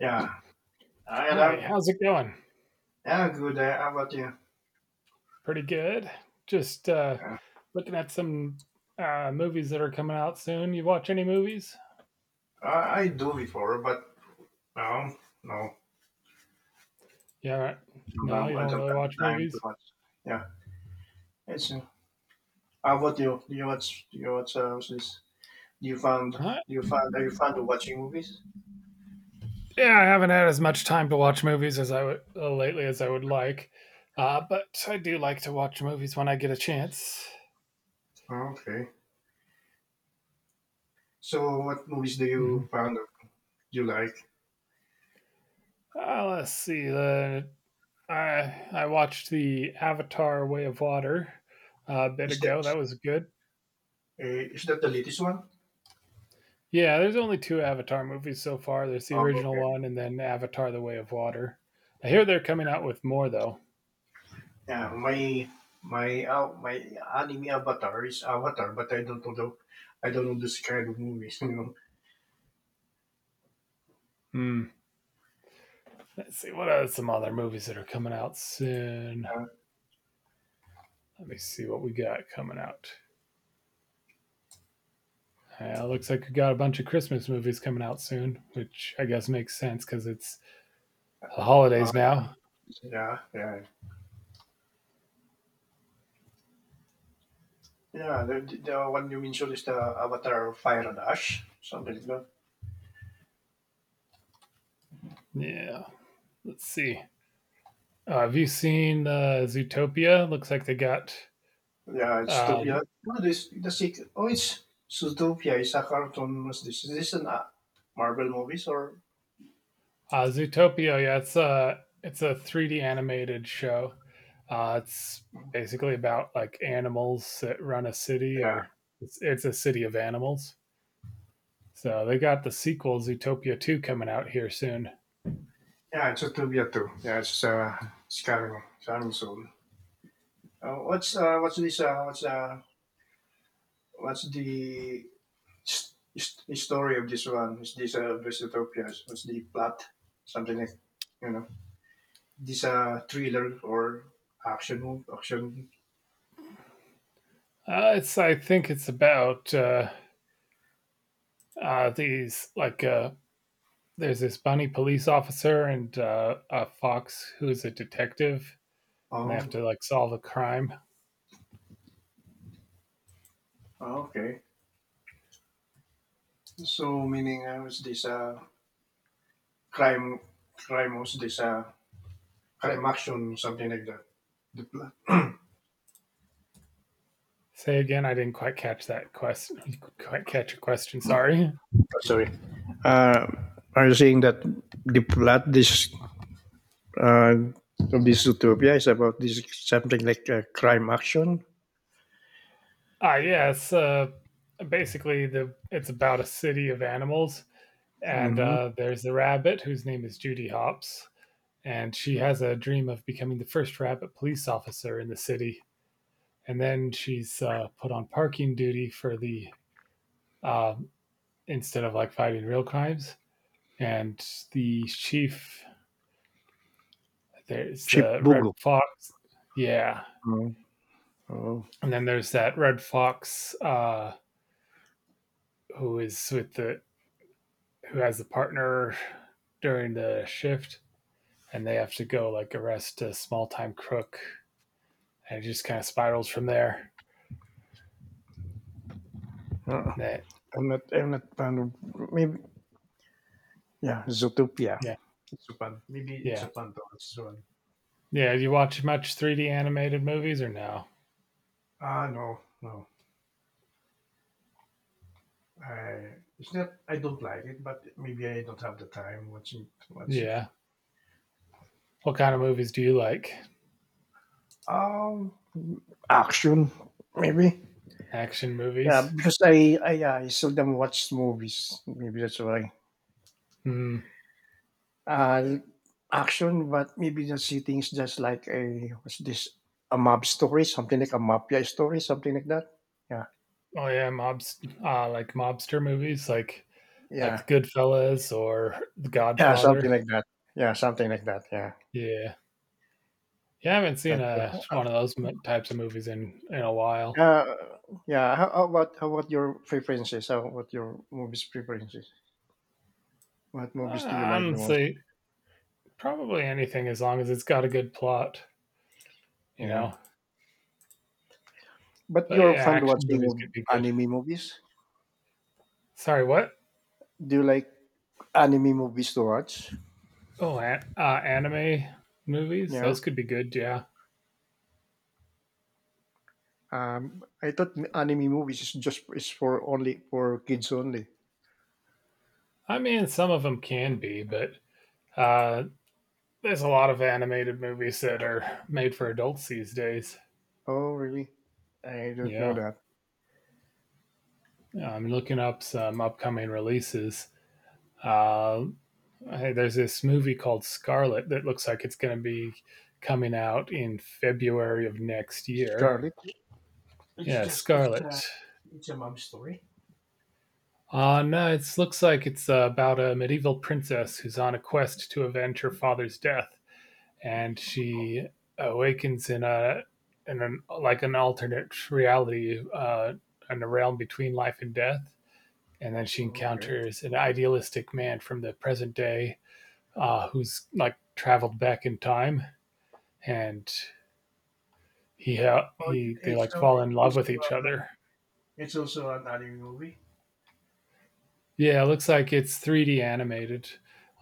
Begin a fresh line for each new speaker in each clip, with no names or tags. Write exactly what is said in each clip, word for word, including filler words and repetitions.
Yeah, I
Hi,
am.
how's it going?
Yeah, good. Uh, how about you?
Pretty good. Just uh,
Uh,
looking at some uh, movies that are coming out soon. You watch any movies?
I, I do before, but no, no,
Yeah, right.
no,
no, you
no, I
don't
don't
really
have
watch
the time to
movies.
watch. Yeah, it's. Uh, how about you? Do you watch? Do you watch? Uh, what's this? Do you found? Do
Huh?
you found? Are you fond of watching movies?
Yeah, I haven't had as much time to watch movies as I would uh, lately as I would like, uh, but I do like to watch movies when I get a chance.
Oh, okay. So, what movies do
Hmm
you found? of- Do you like?
Uh, let's see. The I I watched the Avatar: Way of Water uh, a bit
Is
ago. That
that?
was good.
Uh, is that the latest one?
Yeah, there's only two Avatar movies so far. There's the
Oh,
original
okay.
one and then Avatar: The Way of Water. I hear they're coming out with more though.
Yeah, my my uh, my anime avatar is Avatar, but I don't know. the- I don't know this kind of movies. You know.
Hmm, let's see what are some other movies that are coming out soon.
Uh,
Let me see what we got coming out. Uh, looks like we got a bunch of Christmas movies coming out soon, which I guess makes sense because it's the
uh,
holidays now.
Yeah, yeah, yeah. The, the one you mentioned is the Avatar Fire and Ash, something like that.
Yeah, let's see. Uh, have you seen uh, Zootopia? Looks like they got
Yeah, it's
uh,
Zootopia. No, this the sequel. Oh, it's Zootopia. It's a cartoon. What's this? Is this an uh, Marvel movies or?
Uh, Zootopia, yeah, it's a it's a three D animated show. Uh, it's basically about like animals that run a city,
Yeah,
or it's it's a city of animals. So they got the sequel Zootopia two coming out here soon.
yeah. It's Zootopia too. Yeah, it's uh, it's coming, it's coming soon. Uh, what's uh, what's this? Uh, what's uh, What's the s- s- story of this one? Is this uh, Zootopia? What's the plot? Something like, you know. This a thriller or action movie? Action.
Uh, it's I think it's about uh, uh, these like uh, there's this bunny police officer and uh, a fox who is a detective, and they
Oh,
have to like solve a crime.
okay. So meaning uh, is this a crime? Crime was this a crime action? Something like that. The plot.
Say again, I didn't quite catch that question. Quite catch your question. Sorry.
Sorry. Uh, are you saying that the plot this uh, of this utopia is about this something like a crime action?
Ah, yeah, it's uh, basically the it's about a city of animals, and
Mm-hmm.
uh, there's the rabbit whose name is Judy Hopps, and she has a dream of becoming the first rabbit police officer in the city, and then she's uh, put on parking duty for the uh, instead of like fighting real crimes, and the chief there's
Chip
the red
Bugo.
fox, yeah,
Oh, oh.
and then there's that red fox uh, who is with the who has a partner during the shift, and they have to go like arrest a small time crook, and it just kind of spirals from there.
Uh,
And that,
I'm not. I'm not fond of maybe. Yeah, Zootopia.
yeah,
It's Japan. Maybe it's
yeah,
Japan though. It's Japan.
yeah. Do you watch much three D animated movies or no?
Ah, no, no. I it's not. I don't like it, but maybe I don't have the time watching to watch it.
Yeah. What kind of movies do you like?
Um, Action maybe.
Action
Yeah,
movies?
because I I, yeah, I seldom watch movies. Maybe that's why.
Hmm.
Uh, Action, but maybe the setting is just like a what's this a mob story, something like a mafia story, something like that. Yeah,
Oh yeah, mobs. Uh, like mobster movies, like like
yeah,
The Goodfellas or The
yeah, something
Godfather.
like that. Yeah, something like that. Yeah.
Yeah. Yeah, I haven't seen
That's uh,
a one of those types of movies in in a while.
uh, yeah. How, how about how about your preferences? How about your movies preferences? What
Uh,
movies do you like the most?
honestly, probably anything as long as it's got a good plot, you
Yeah.
know.
But
But
you're
yeah,
fond
action
watching
movies could be
of
good.
anime movies.
Sorry, what?
Do you like anime movies to watch?
Oh, an- uh, anime movies,
Yeah.
those could be good. Yeah,
Um, I thought m- anime movies is just is for only for kids only.
I mean, some of them can be, but uh, there's a lot of animated movies that are made for adults these days.
Oh, really? I don't know
Yeah,
that.
I'm looking up some upcoming releases. Uh, Hey, there's this movie called Scarlet that looks like it's going to be coming out in February of next year.
Scarlet. It's
Yeah,
just it's a
Scarlet.
it's a mom story.
Uh, no, it looks like it's uh, about a medieval princess who's on a quest to avenge her father's death, and she awakens in a in an like an alternate reality, uh, in a realm between life and death, and then she
Oh, okay.
encounters an idealistic man from the present day, uh, who's like traveled back in time, and he ha-
Oh,
he they
it's it's,
like
uh,
fall in
it's
love with
also
each
uh,
other.
it's also an anime movie.
Yeah, it looks like it's three D animated,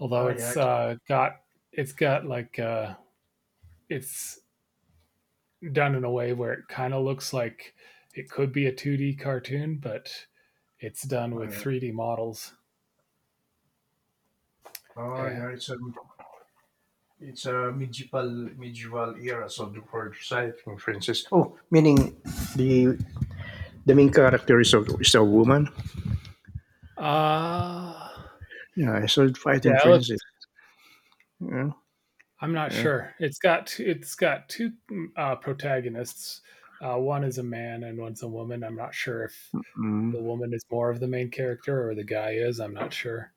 although
Oh yeah,
it's,
it's,
uh, got it's got, like, uh it's done in a way where it kinda looks like it could be a two D cartoon, but it's done
uh, oh
with
yeah,
three D models.
Ah,
Yeah.
yeah, it's a it's a medieval medieval era, so the word side from oh, meaning the the main character is a is a woman.
Uh,
Yeah, so fighting
yeah, it looks
Francis. Yeah,
I'm not
yeah.
sure. It's got it's got two, mm, uh, protagonists. Uh, one is a man and one's a woman. I'm not sure if
Mm.
the woman is more of the main character or the guy is, I'm not sure.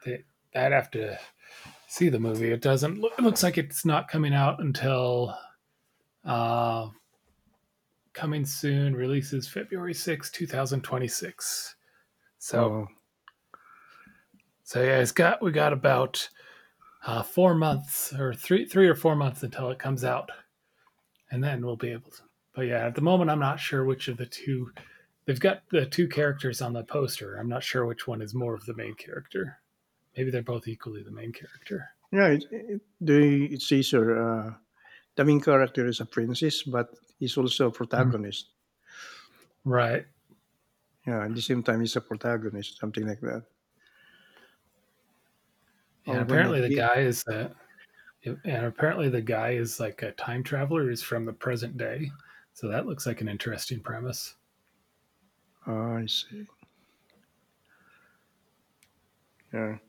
They I'd have to see the movie. It doesn't. It looks like it's not coming out until uh, coming soon. Releases February sixth, two thousand twenty-six. So,
Oh,
so yeah, it's got we got about uh, four months or three three or four months until it comes out, and then we'll be able to. But yeah, at the moment, I'm not sure which of the two. They've got the two characters on the poster. I'm not sure which one is more of the main character. Maybe they're both equally the main character.
yeah. It, it, the it says here, uh, the main character is a princess, but he's also a
Mm-hmm.
protagonist.
Right.
Yeah, at the same time, he's a protagonist, something like that.
Yeah.
Oh, can
Apparently,
that
the
be?
guy is the and apparently the guy is like a time traveler who's from the present day. So that looks like an interesting premise.
Oh, I see. Yeah.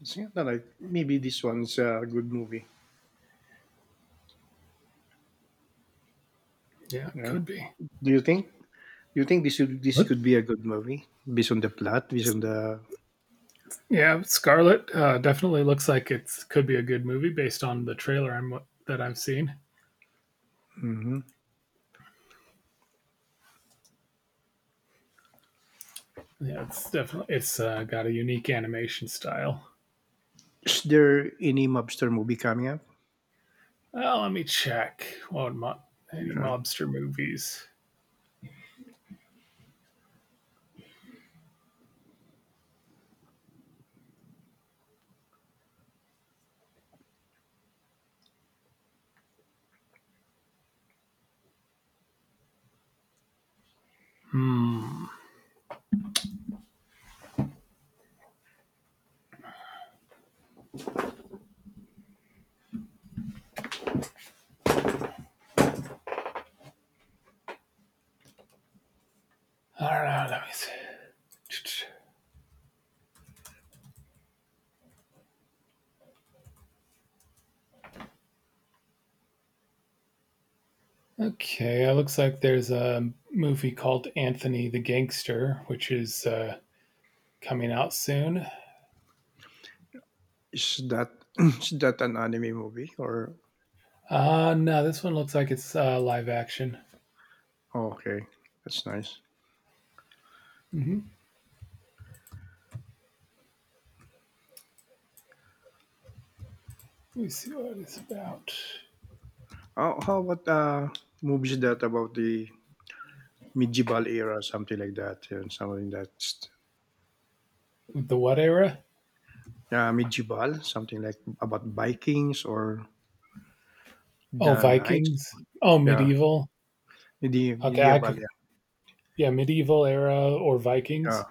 It's not like maybe this one's a good movie.
Yeah, it
Yeah.
could be.
Do you think? Do you think this should, this
What?
could be a good movie based on the plot, based on the?
Yeah, Scarlet uh, definitely looks like it could be a good movie based on the trailer I'm, that I've seen.
hmm
Yeah, it's definitely it's uh, got a unique animation style.
Is there any mobster movie coming up?
Well, let me check. What mo- any
Yeah.
mobster movies? I don't know. Let me see. Okay, it looks like there's a movie called Anthony the Gangster, which is uh, coming out soon.
Is that is that an anime movie or?
Uh, no, this one looks like it's uh, live action.
Oh, okay, that's nice.
Hmm Let me see what it's about.
Oh, how about uh movies that about the medieval era, something like that, yeah, and something that's
The what era?
yeah medieval, something like about Vikings or
Oh,
the knights.
Vikings. Oh,
Yeah,
medieval.
medi-
Okay, I
medieval.
could.
Yeah,
Yeah, medieval era or
yeah,
Vikings.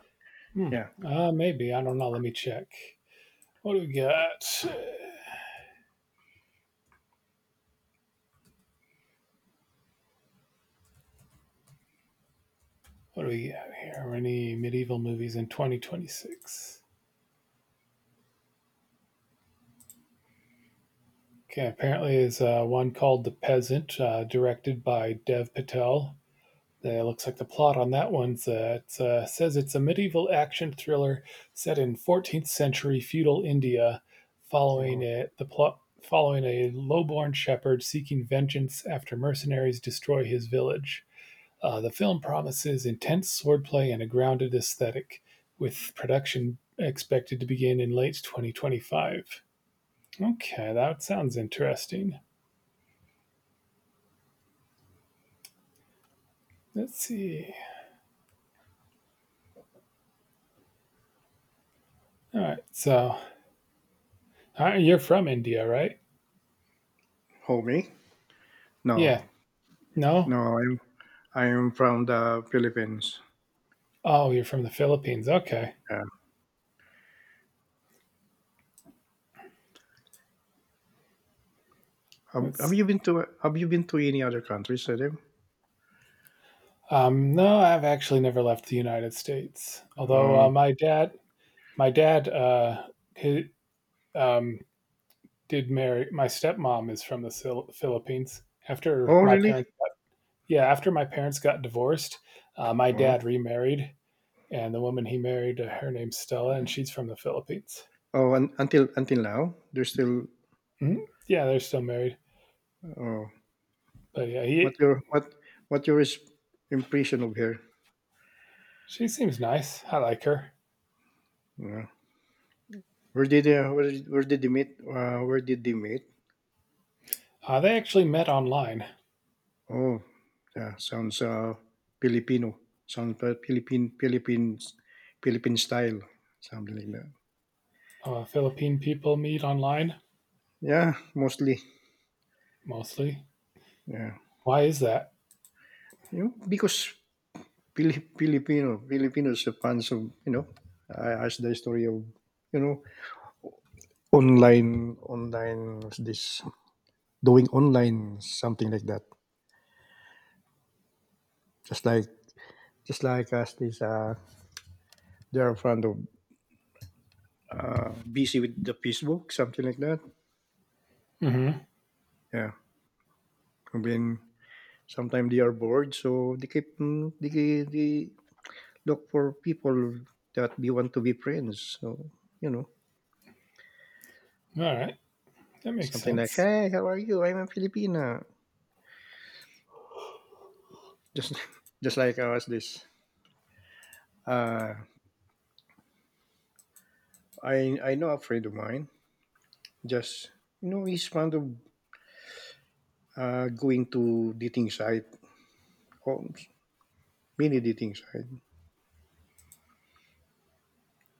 Hmm.
yeah.
Uh, maybe I don't know. Let me check. What do we got? What do we got here? Any medieval movies in twenty twenty-six. Okay, apparently is uh, one called The Peasant, uh, directed by Dev Patel. The, looks like the plot on that one uh, it's, uh, says it's a medieval action thriller set in fourteenth century feudal India, following
Mhm.
it the plot following a lowborn shepherd seeking vengeance after mercenaries destroy his village. Uh, the film promises intense swordplay and a grounded aesthetic, with production expected to begin in late two thousand twenty-five. Okay, that sounds interesting. Let's see. All right, so all right, you're from India, right?
Homie? No,
Yeah. No,
no, I'm I am from the Philippines.
oh, you're from the Philippines. Okay.
Yeah. Have, have
That's
you been to have you been to any other countries, Adam?
Um, no, I've actually never left the United States. Although uh,
Oh,
my dad my dad uh he, um did marry my stepmom is from the Sil- Philippines. After
oh,
my
really?
parents got, Yeah, after my parents got divorced, uh, my
Oh,
dad remarried and the woman he married uh, her name's Stella and she's from the Philippines.
oh, un, until until now, there's still.
Hmm Yeah, they're still married.
Oh,
But yeah,
what
he
your what what your is impression of here?
She seems nice. I like her.
Yeah. Where did they, where, where did they meet? Uh, where did they meet?
Uh, they actually met online.
Oh, yeah, sounds uh, Filipino. Sounds uh, Philippine Philippines Philippine style, something like that.
Uh, Philippine people meet online
Yeah, mostly.
mostly.
Yeah,
Why is that?
you know, because Pili- Filipino Filipinos are fans of you know uh, as the story of you know online online what's this doing online something like that just like just like us this uh they're fond of uh busy with the Facebook something like that
Mm-hmm.
yeah I mean sometimes they are bored so they keep mm, they, they look for people that they want to be friends so you know
All right, that makes
something like
sense.
hey how are you I'm a Filipina just just like us this Uh, I I know a friend of mine. Just you know, he's fond of uh, going to dating site, or mini dating site.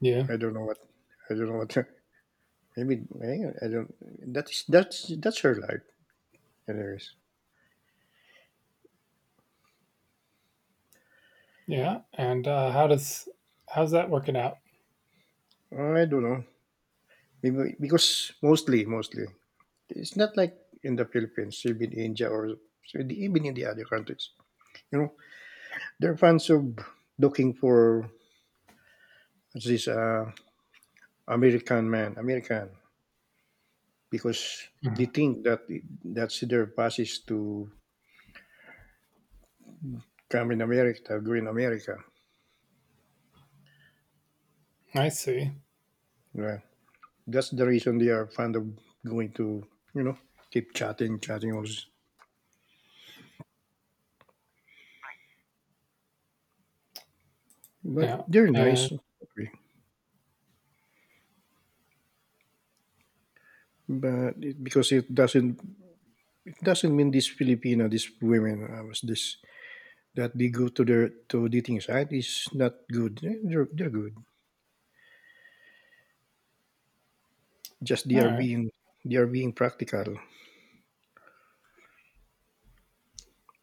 Yeah,
I don't know what. I don't know what. Maybe I I don't. That's that's that's her life. Anyways,
yeah. And uh, how does how's that working out?
I don't know. Maybe because mostly mostly it's not like in the Philippines, even India or so the- even in the other countries. You know, they're fans of looking for this uh, American man, American. Because they
Mhm.
think that that's their passage to come in America, go in America.
I see.
Yeah. That's the reason they are fond of going to, you know, keep chatting, chatting. All this. But
Yeah.
they're
And
nice. Okay. But it, because it doesn't, it doesn't mean this Filipino, this women, uh, was this that they go to their to dating site is not good. Eh, They're, they're good. Just they
all
are
right.
being they are being practical.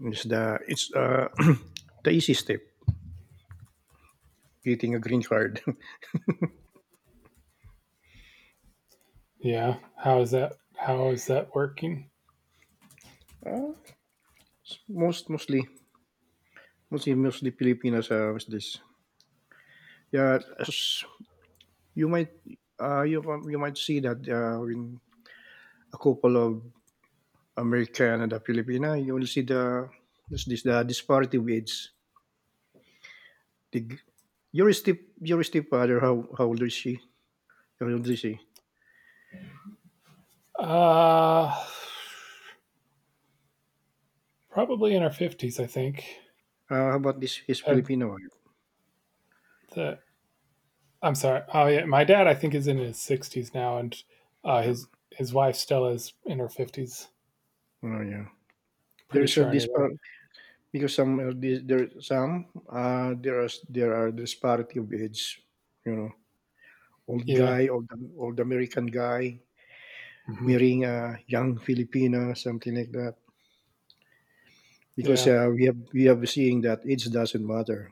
It's the it's uh, the easy step getting a green card.
Yeah. How is that? How is that working?
Uh, s- most mostly mostly mostly Filipinos uh, with this. Yeah, as you might uh, you can- you might see that uh, in a couple of American and a Filipina, you will see the this, this the disparity with age. The, g- your step your stepfather, how how old is she? How old is she?
Uh, probably in our fifties, I think.
Uh, how about this his
Uh,
Filipino wife?
the, I'm sorry. Oh yeah, my dad, I think, is in his sixties now, and uh,
Um,
his his wife Stella is in her fifties.
oh yeah. There
Pretty
is a
sure, anyway.
dispar because some uh, this, there some uh there are there are disparity of age, you know. Old
Yeah.
guy, old old American guy
hmm
marrying a young Filipina, something like that. Because
Yeah.
uh, we have we have seeing that age doesn't matter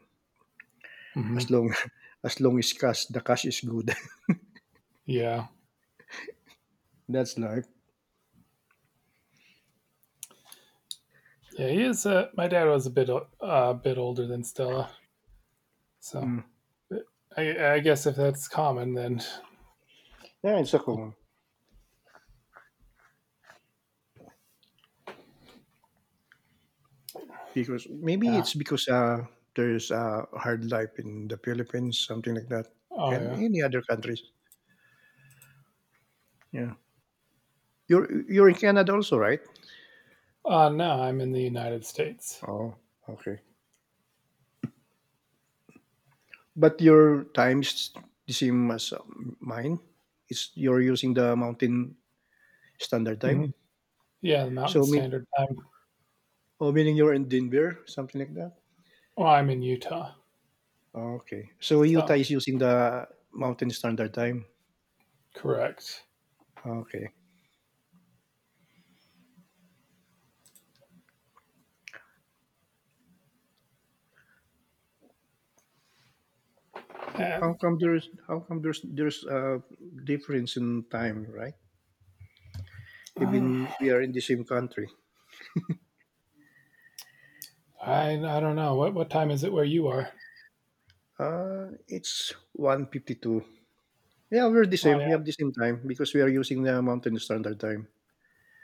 hmm
as long as long as cash the cash is good.
Yeah,
That's life.
yeah. He is. Uh, my dad was a bit a uh, bit older than Stella, so
Mm.
I, I guess if that's common, then
Yeah, it's a common because maybe
yeah.
it's because uh, there's a hard life in the Philippines, something like that,
Oh
and
yeah.
any other countries. Yeah, you're you're in Canada also, right?
Uh, no, I'm in the United States.
Oh, okay. But your time is the same as um, mine. It's you're using the mountain standard
Hmm
time.
Yeah, the Mountain
So mean
Standard Time.
oh meaning you're in Denver, something like that?
Well, I'm in Utah,
Okay. So Utah
so
is using the mountain standard time.
correct.
Okay.
And
How come there's how come there's there's a difference in time, right? Even we are in the same country.
I I don't know what what time is it where you are.
Uh it's one fifty two. Yeah, we're the
Oh
same. We
yeah,
have the same time because we are using the mountain standard time.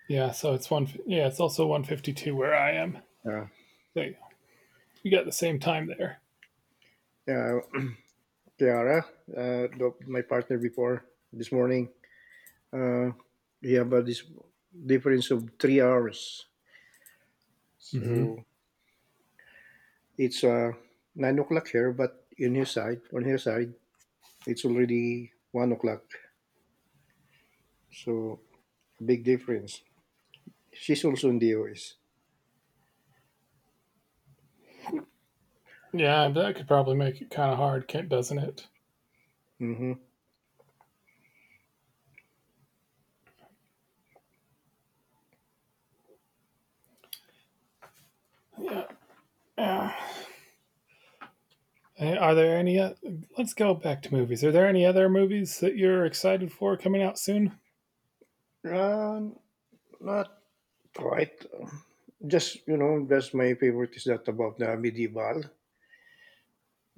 yeah. So it's one. Yeah, it's also one fifty two where I am.
Yeah.
So yeah, you got the same time there.
Yeah. Kiara, uh, the- my partner before this morning, uh, we have a this difference of three hours.
Hmm
So it's uh, nine o'clock here, but in his side, on her side, it's already one o'clock. So big difference. She's also in the U S.
Yeah, that could probably make it kind of hard, can't- doesn't it?
Mm-hmm.
Yeah. Yeah. Hey, are there any? Uh, let's go back to movies. Are there any other movies that you're excited for coming out soon?
Uh, Not quite. Just you know, just my favorite is that about the medieval,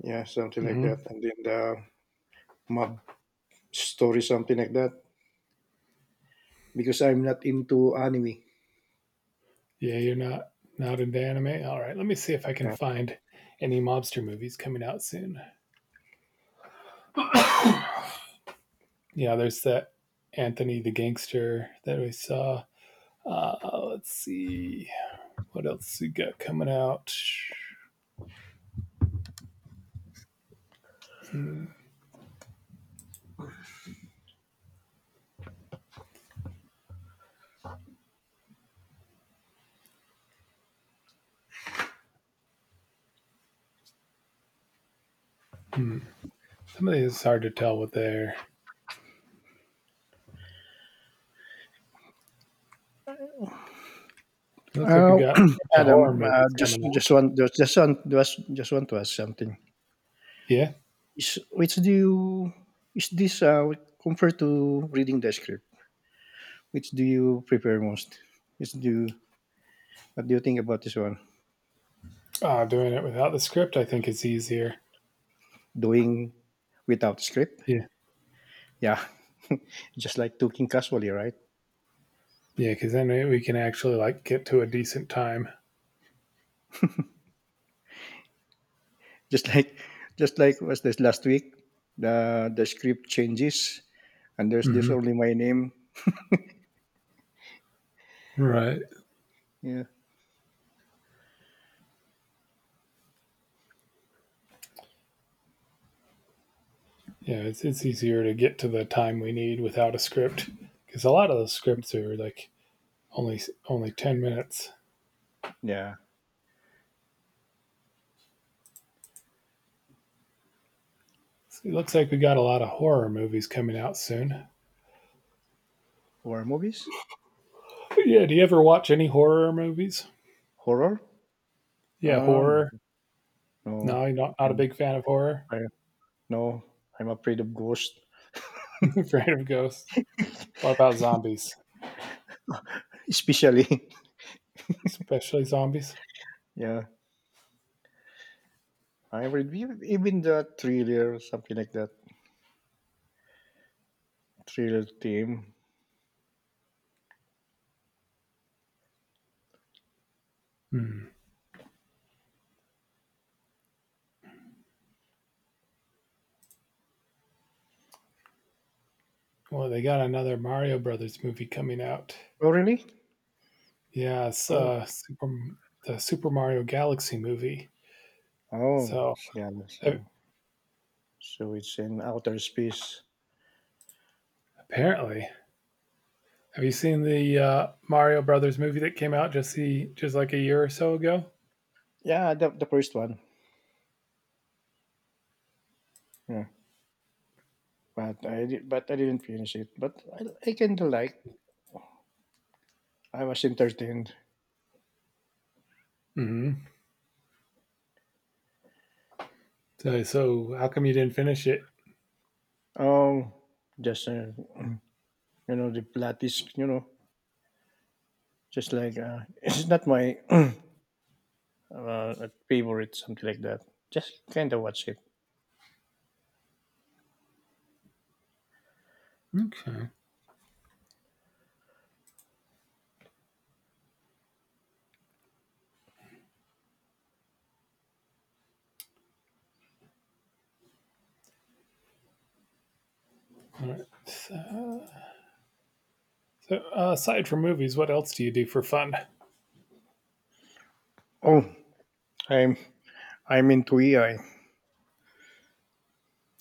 yeah, something like that,
Hmm
and then the mob story, something like that. Because I'm not into anime.
Yeah, you're not not into anime. All right, let me see if I can
Yeah.
find any mobster movies coming out soon. Yeah, there's that Anthony the Gangster that we saw. Uh, let's see what else we got coming out. Hmm. Some of these it's hard to tell what they're. It looks like we
Uh,
got a bunch of
Adam,
horror
uh,
movies
just
coming
just
out.
want just just want just just want to ask something.
Yeah,
Is which do you is this uh, compared to reading the script? Which do you prefer most? Which do you, what do you think about this one?
uh, doing it without the script I think is easier.
Doing without script?
Yeah.
Yeah, just like talking casually, right?
Yeah, because then we can actually like get to a decent time.
Just like just like was this last week? The the script changes, and there's this
Hmm
only my name.
Right.
Yeah,
Yeah, it's it's easier to get to the time we need without a script because a lot of those scripts are like only only ten minutes.
yeah.
So it looks like we got a lot of horror movies coming out soon.
Horror movies?
But yeah, do you ever watch any horror movies?
Horror?
Yeah,
Uh no,
horror.
no.
No, you're not not a
I'm
big fan of horror.
I no, I'm afraid of ghosts.
Afraid of ghosts. What about zombies?
Especially.
Especially zombies.
Yeah. I read ev- even the thriller, something like that. Thriller theme.
Mm. Well, they got another Mario Brothers movie coming out.
Oh really?
Yeah, it's,
Oh.
uh, Super, the Super Mario Galaxy movie.
Oh
So
it's galaxy.
a-
So it's in outer space.
apparently, have you seen the uh, Mario Brothers movie that came out just the, just like a year or so ago?
Yeah, the the first one. Yeah. But I did, but I didn't finish it. But I I kinda like I was entertained.
Hmm So, so how come you didn't finish it?
Oh just uh, you know the plot is you know just like uh, it's not my uh, uh, favorite, something like that. Just kind of watch it.
Okay. So, so, uh, aside from movies, what else do you do for fun?
Oh, I'm I'm into A I.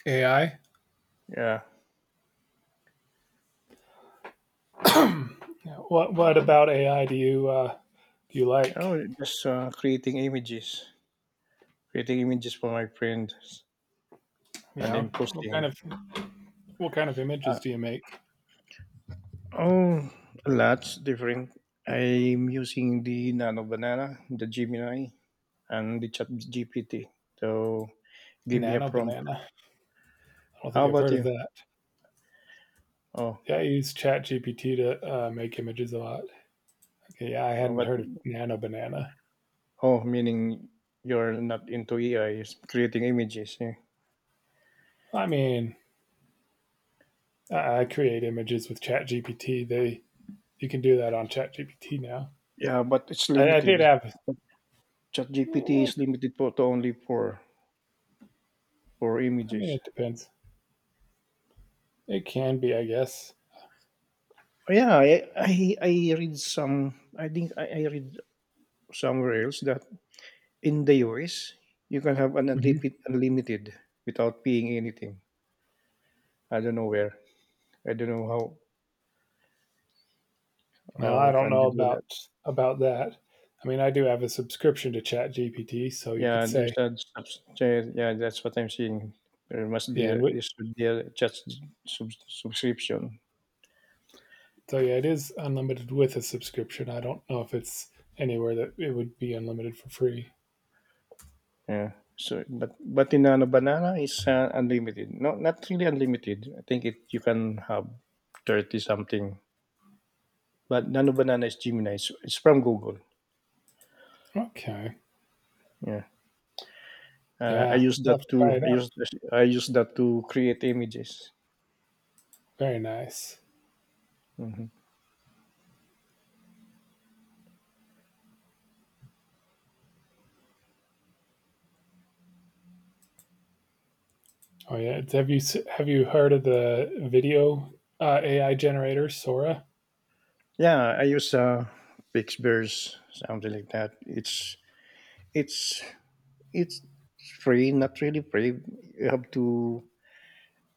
A I.
Yeah.
What? What about A I? Do you uh, do you like?
Oh, just uh, creating images, creating images for my friends, and
Yeah.
then
What
posting.
kind
It.
of What kind of images
Uh,
do you make?
oh, lots different. I'm using the Nano Banana, the Gemini, and the Chat G P T. So give me a
Nano
prompt.
banana. I don't think
How
I've
about
heard of
you?
that.
Oh,
Yeah, I use ChatGPT to uh, make images a lot. Okay, yeah, I hadn't
what
heard of Nano Banana.
oh, meaning you're not into A I, is creating images. Yeah.
I mean, I I create images with ChatGPT. They you can do that on ChatGPT now.
yeah, but it's
I, I did
limited.
have.
ChatGPT
Yeah,
is limited for, to only for for
I mean,
images.
it depends. It can be, I guess.
Yeah, I, I I read some. I think I, I read somewhere else that in the U S you can have an
Hmm
unlimited unlimited without paying anything. I don't know where. I don't know how
Well, I
how
don't
can
know
you do that.
about about that. I mean, I do have a subscription to ChatGPT, so you could
Yeah, there's
say,
a subscription. Yeah, that's what I'm seeing. There must be
yeah, and
a,
we,
there should be a just sub, subscription.
so yeah, it is unlimited with a subscription. I don't know if it's anywhere that it would be unlimited for free.
Yeah. So, but but in ano, banana is uh, unlimited. No, not really unlimited. I think it you can have thirty something. But nano banana is Gemini. It's, it's from Google.
Okay.
Yeah. Uh, I
Yeah,
use
I'll
that
have to
to
try it
I
out.
use I use that to create images.
Very nice.
Hmm
Oh yeah, have you s- have you heard of the video uh, A I generator Sora?
Yeah, I use uh, Pixburst, something like that. It's it's It's free, not really free. You have to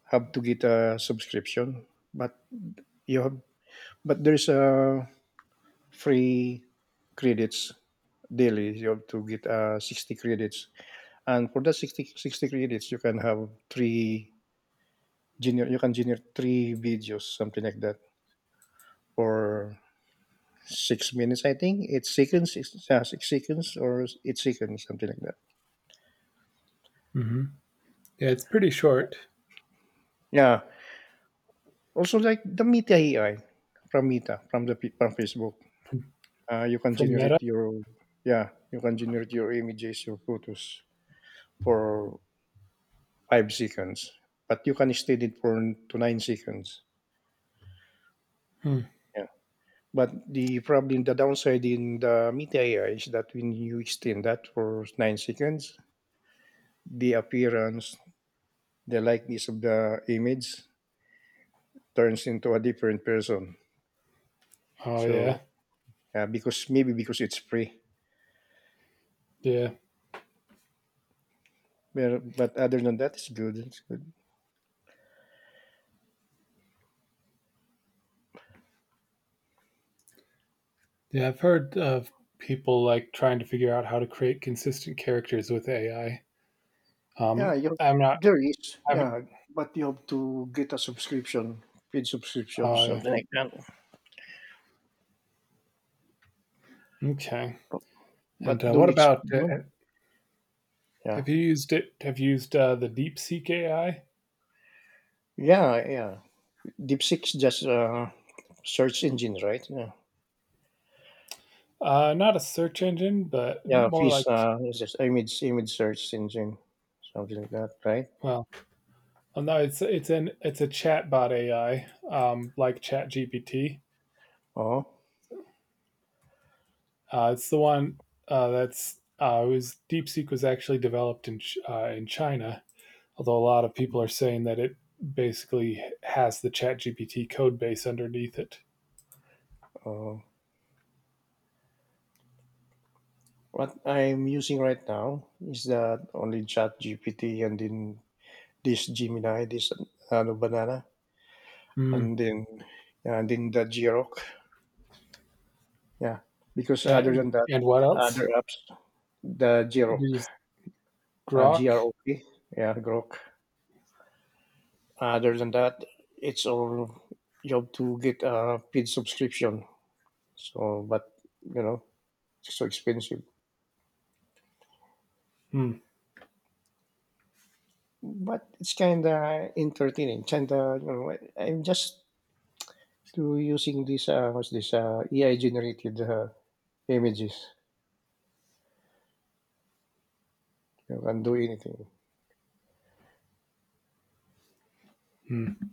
have to get a subscription, but you have but there's a free credits daily. You have to get uh, sixty credits, and for that sixty sixty credits, you can have three gener- you can generate three videos, something like that, for six minutes. I think eight seconds, six, uh, six seconds, or eight seconds, something like that.
Yeah, it's pretty short.
Yeah. Also, like the Meta A I from Meta from the pe- from Facebook. uh, you can
From Meta.
generate your yeah you can generate your images your photos for five seconds but you can extend it for n- to nine seconds
Hmm.
yeah but the problem the downside in the media ai is that when you extend that for nine seconds the appearance the likeness of the image turns into a different person
Oh yeah,
so yeah because maybe because it's free
yeah,
but, but other than that it's good it's good
yeah. I've heard of people like trying to figure out how to create consistent characters with A I. Um,
Yeah, you
I'm not.
there is.
I'm,
Yeah, but you have to get a subscription, paid subscription,
Oh yeah.
something like that.
Okay. And
But
uh, what
don't ex-
about? Uh,
don't. Yeah,
have you used it? Have you used uh, the DeepSeek A I?
yeah, yeah. DeepSeek's just uh, search engine, right? Yeah,
Uh, not a search engine, but
yeah.
more
Fish
like
uh, is just image image search engine, something like that, right?
well, oh, no, it's it's an it's a chatbot A I, um, like ChatGPT.
Oh,
Uh, it's the one uh, that's uh, it was DeepSeek was actually developed in Ch- uh, in China. Although a lot of people are saying that it basically has the ChatGPT code base underneath it.
oh. What I'm using right now is that only Chat G P T and then this Gemini, this uh, ano, banana,
Hmm.
and then yeah, and then the Grok. Yeah, because other
And
than that,
and what else?
other apps, the
Did
Grok,
you use
uh,
Grok?
G R O K, yeah, Grok. Other than that, it's all job to get a paid subscription. So, but you know, it's so expensive.
Hmm.
But it's kind of entertaining. Kind of, you know, I'm just to using this, uh, what's this, uh, A I generated uh, images. You can do anything.
Hmm.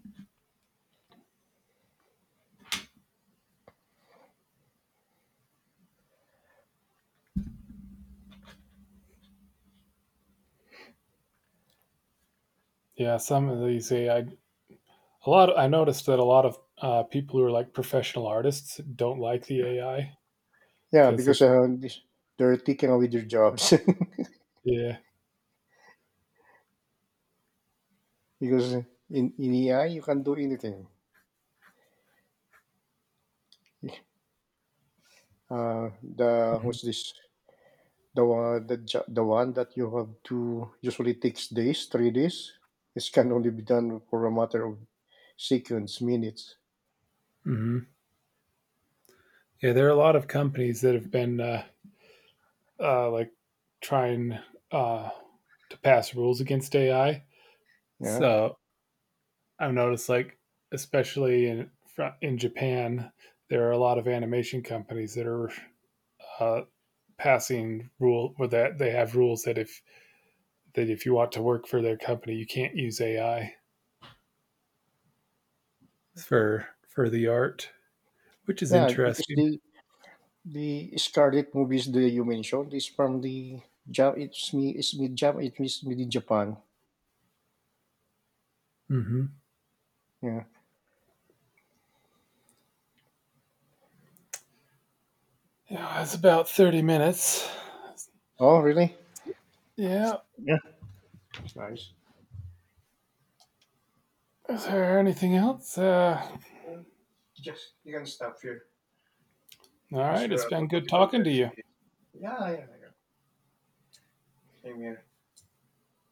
Yeah, some of these A I. A lot. I noticed that a lot of uh, people who are like professional artists don't like the A I
Yeah,
because they.
because
f-
uh, this, they're taking away their jobs.
Yeah.
Because in in A I you can do anything. Uh, the
Mhm.
what's this? The one the jo- the one that you have to usually takes days, three days. It can only be done for a matter of seconds, minutes.
Mhm. Yeah, there are a lot of companies that have been uh, uh, like trying uh, to pass rules against A I.
Yeah,
So I've noticed, like especially in fr- in Japan, there are a lot of animation companies that are uh, passing rule or that they have rules that if that if you want to work for their company, you can't use A I for for the art, which is
yeah. Because
interesting.
the the Scarlet movies that you mentioned is from the Jap. It's me. It's me. Jap. It is made in Japan.
Hmm
Yeah.
Yeah, it's about thirty minutes.
Oh, really?
Yeah.
Yeah. It's nice.
Is there anything else? Uh,
Just you can stop here
All
because
right.
we
It's
are on the
been
on
good
the
talking to
four thirty.
you.
Yeah, yeah, yeah. Same here.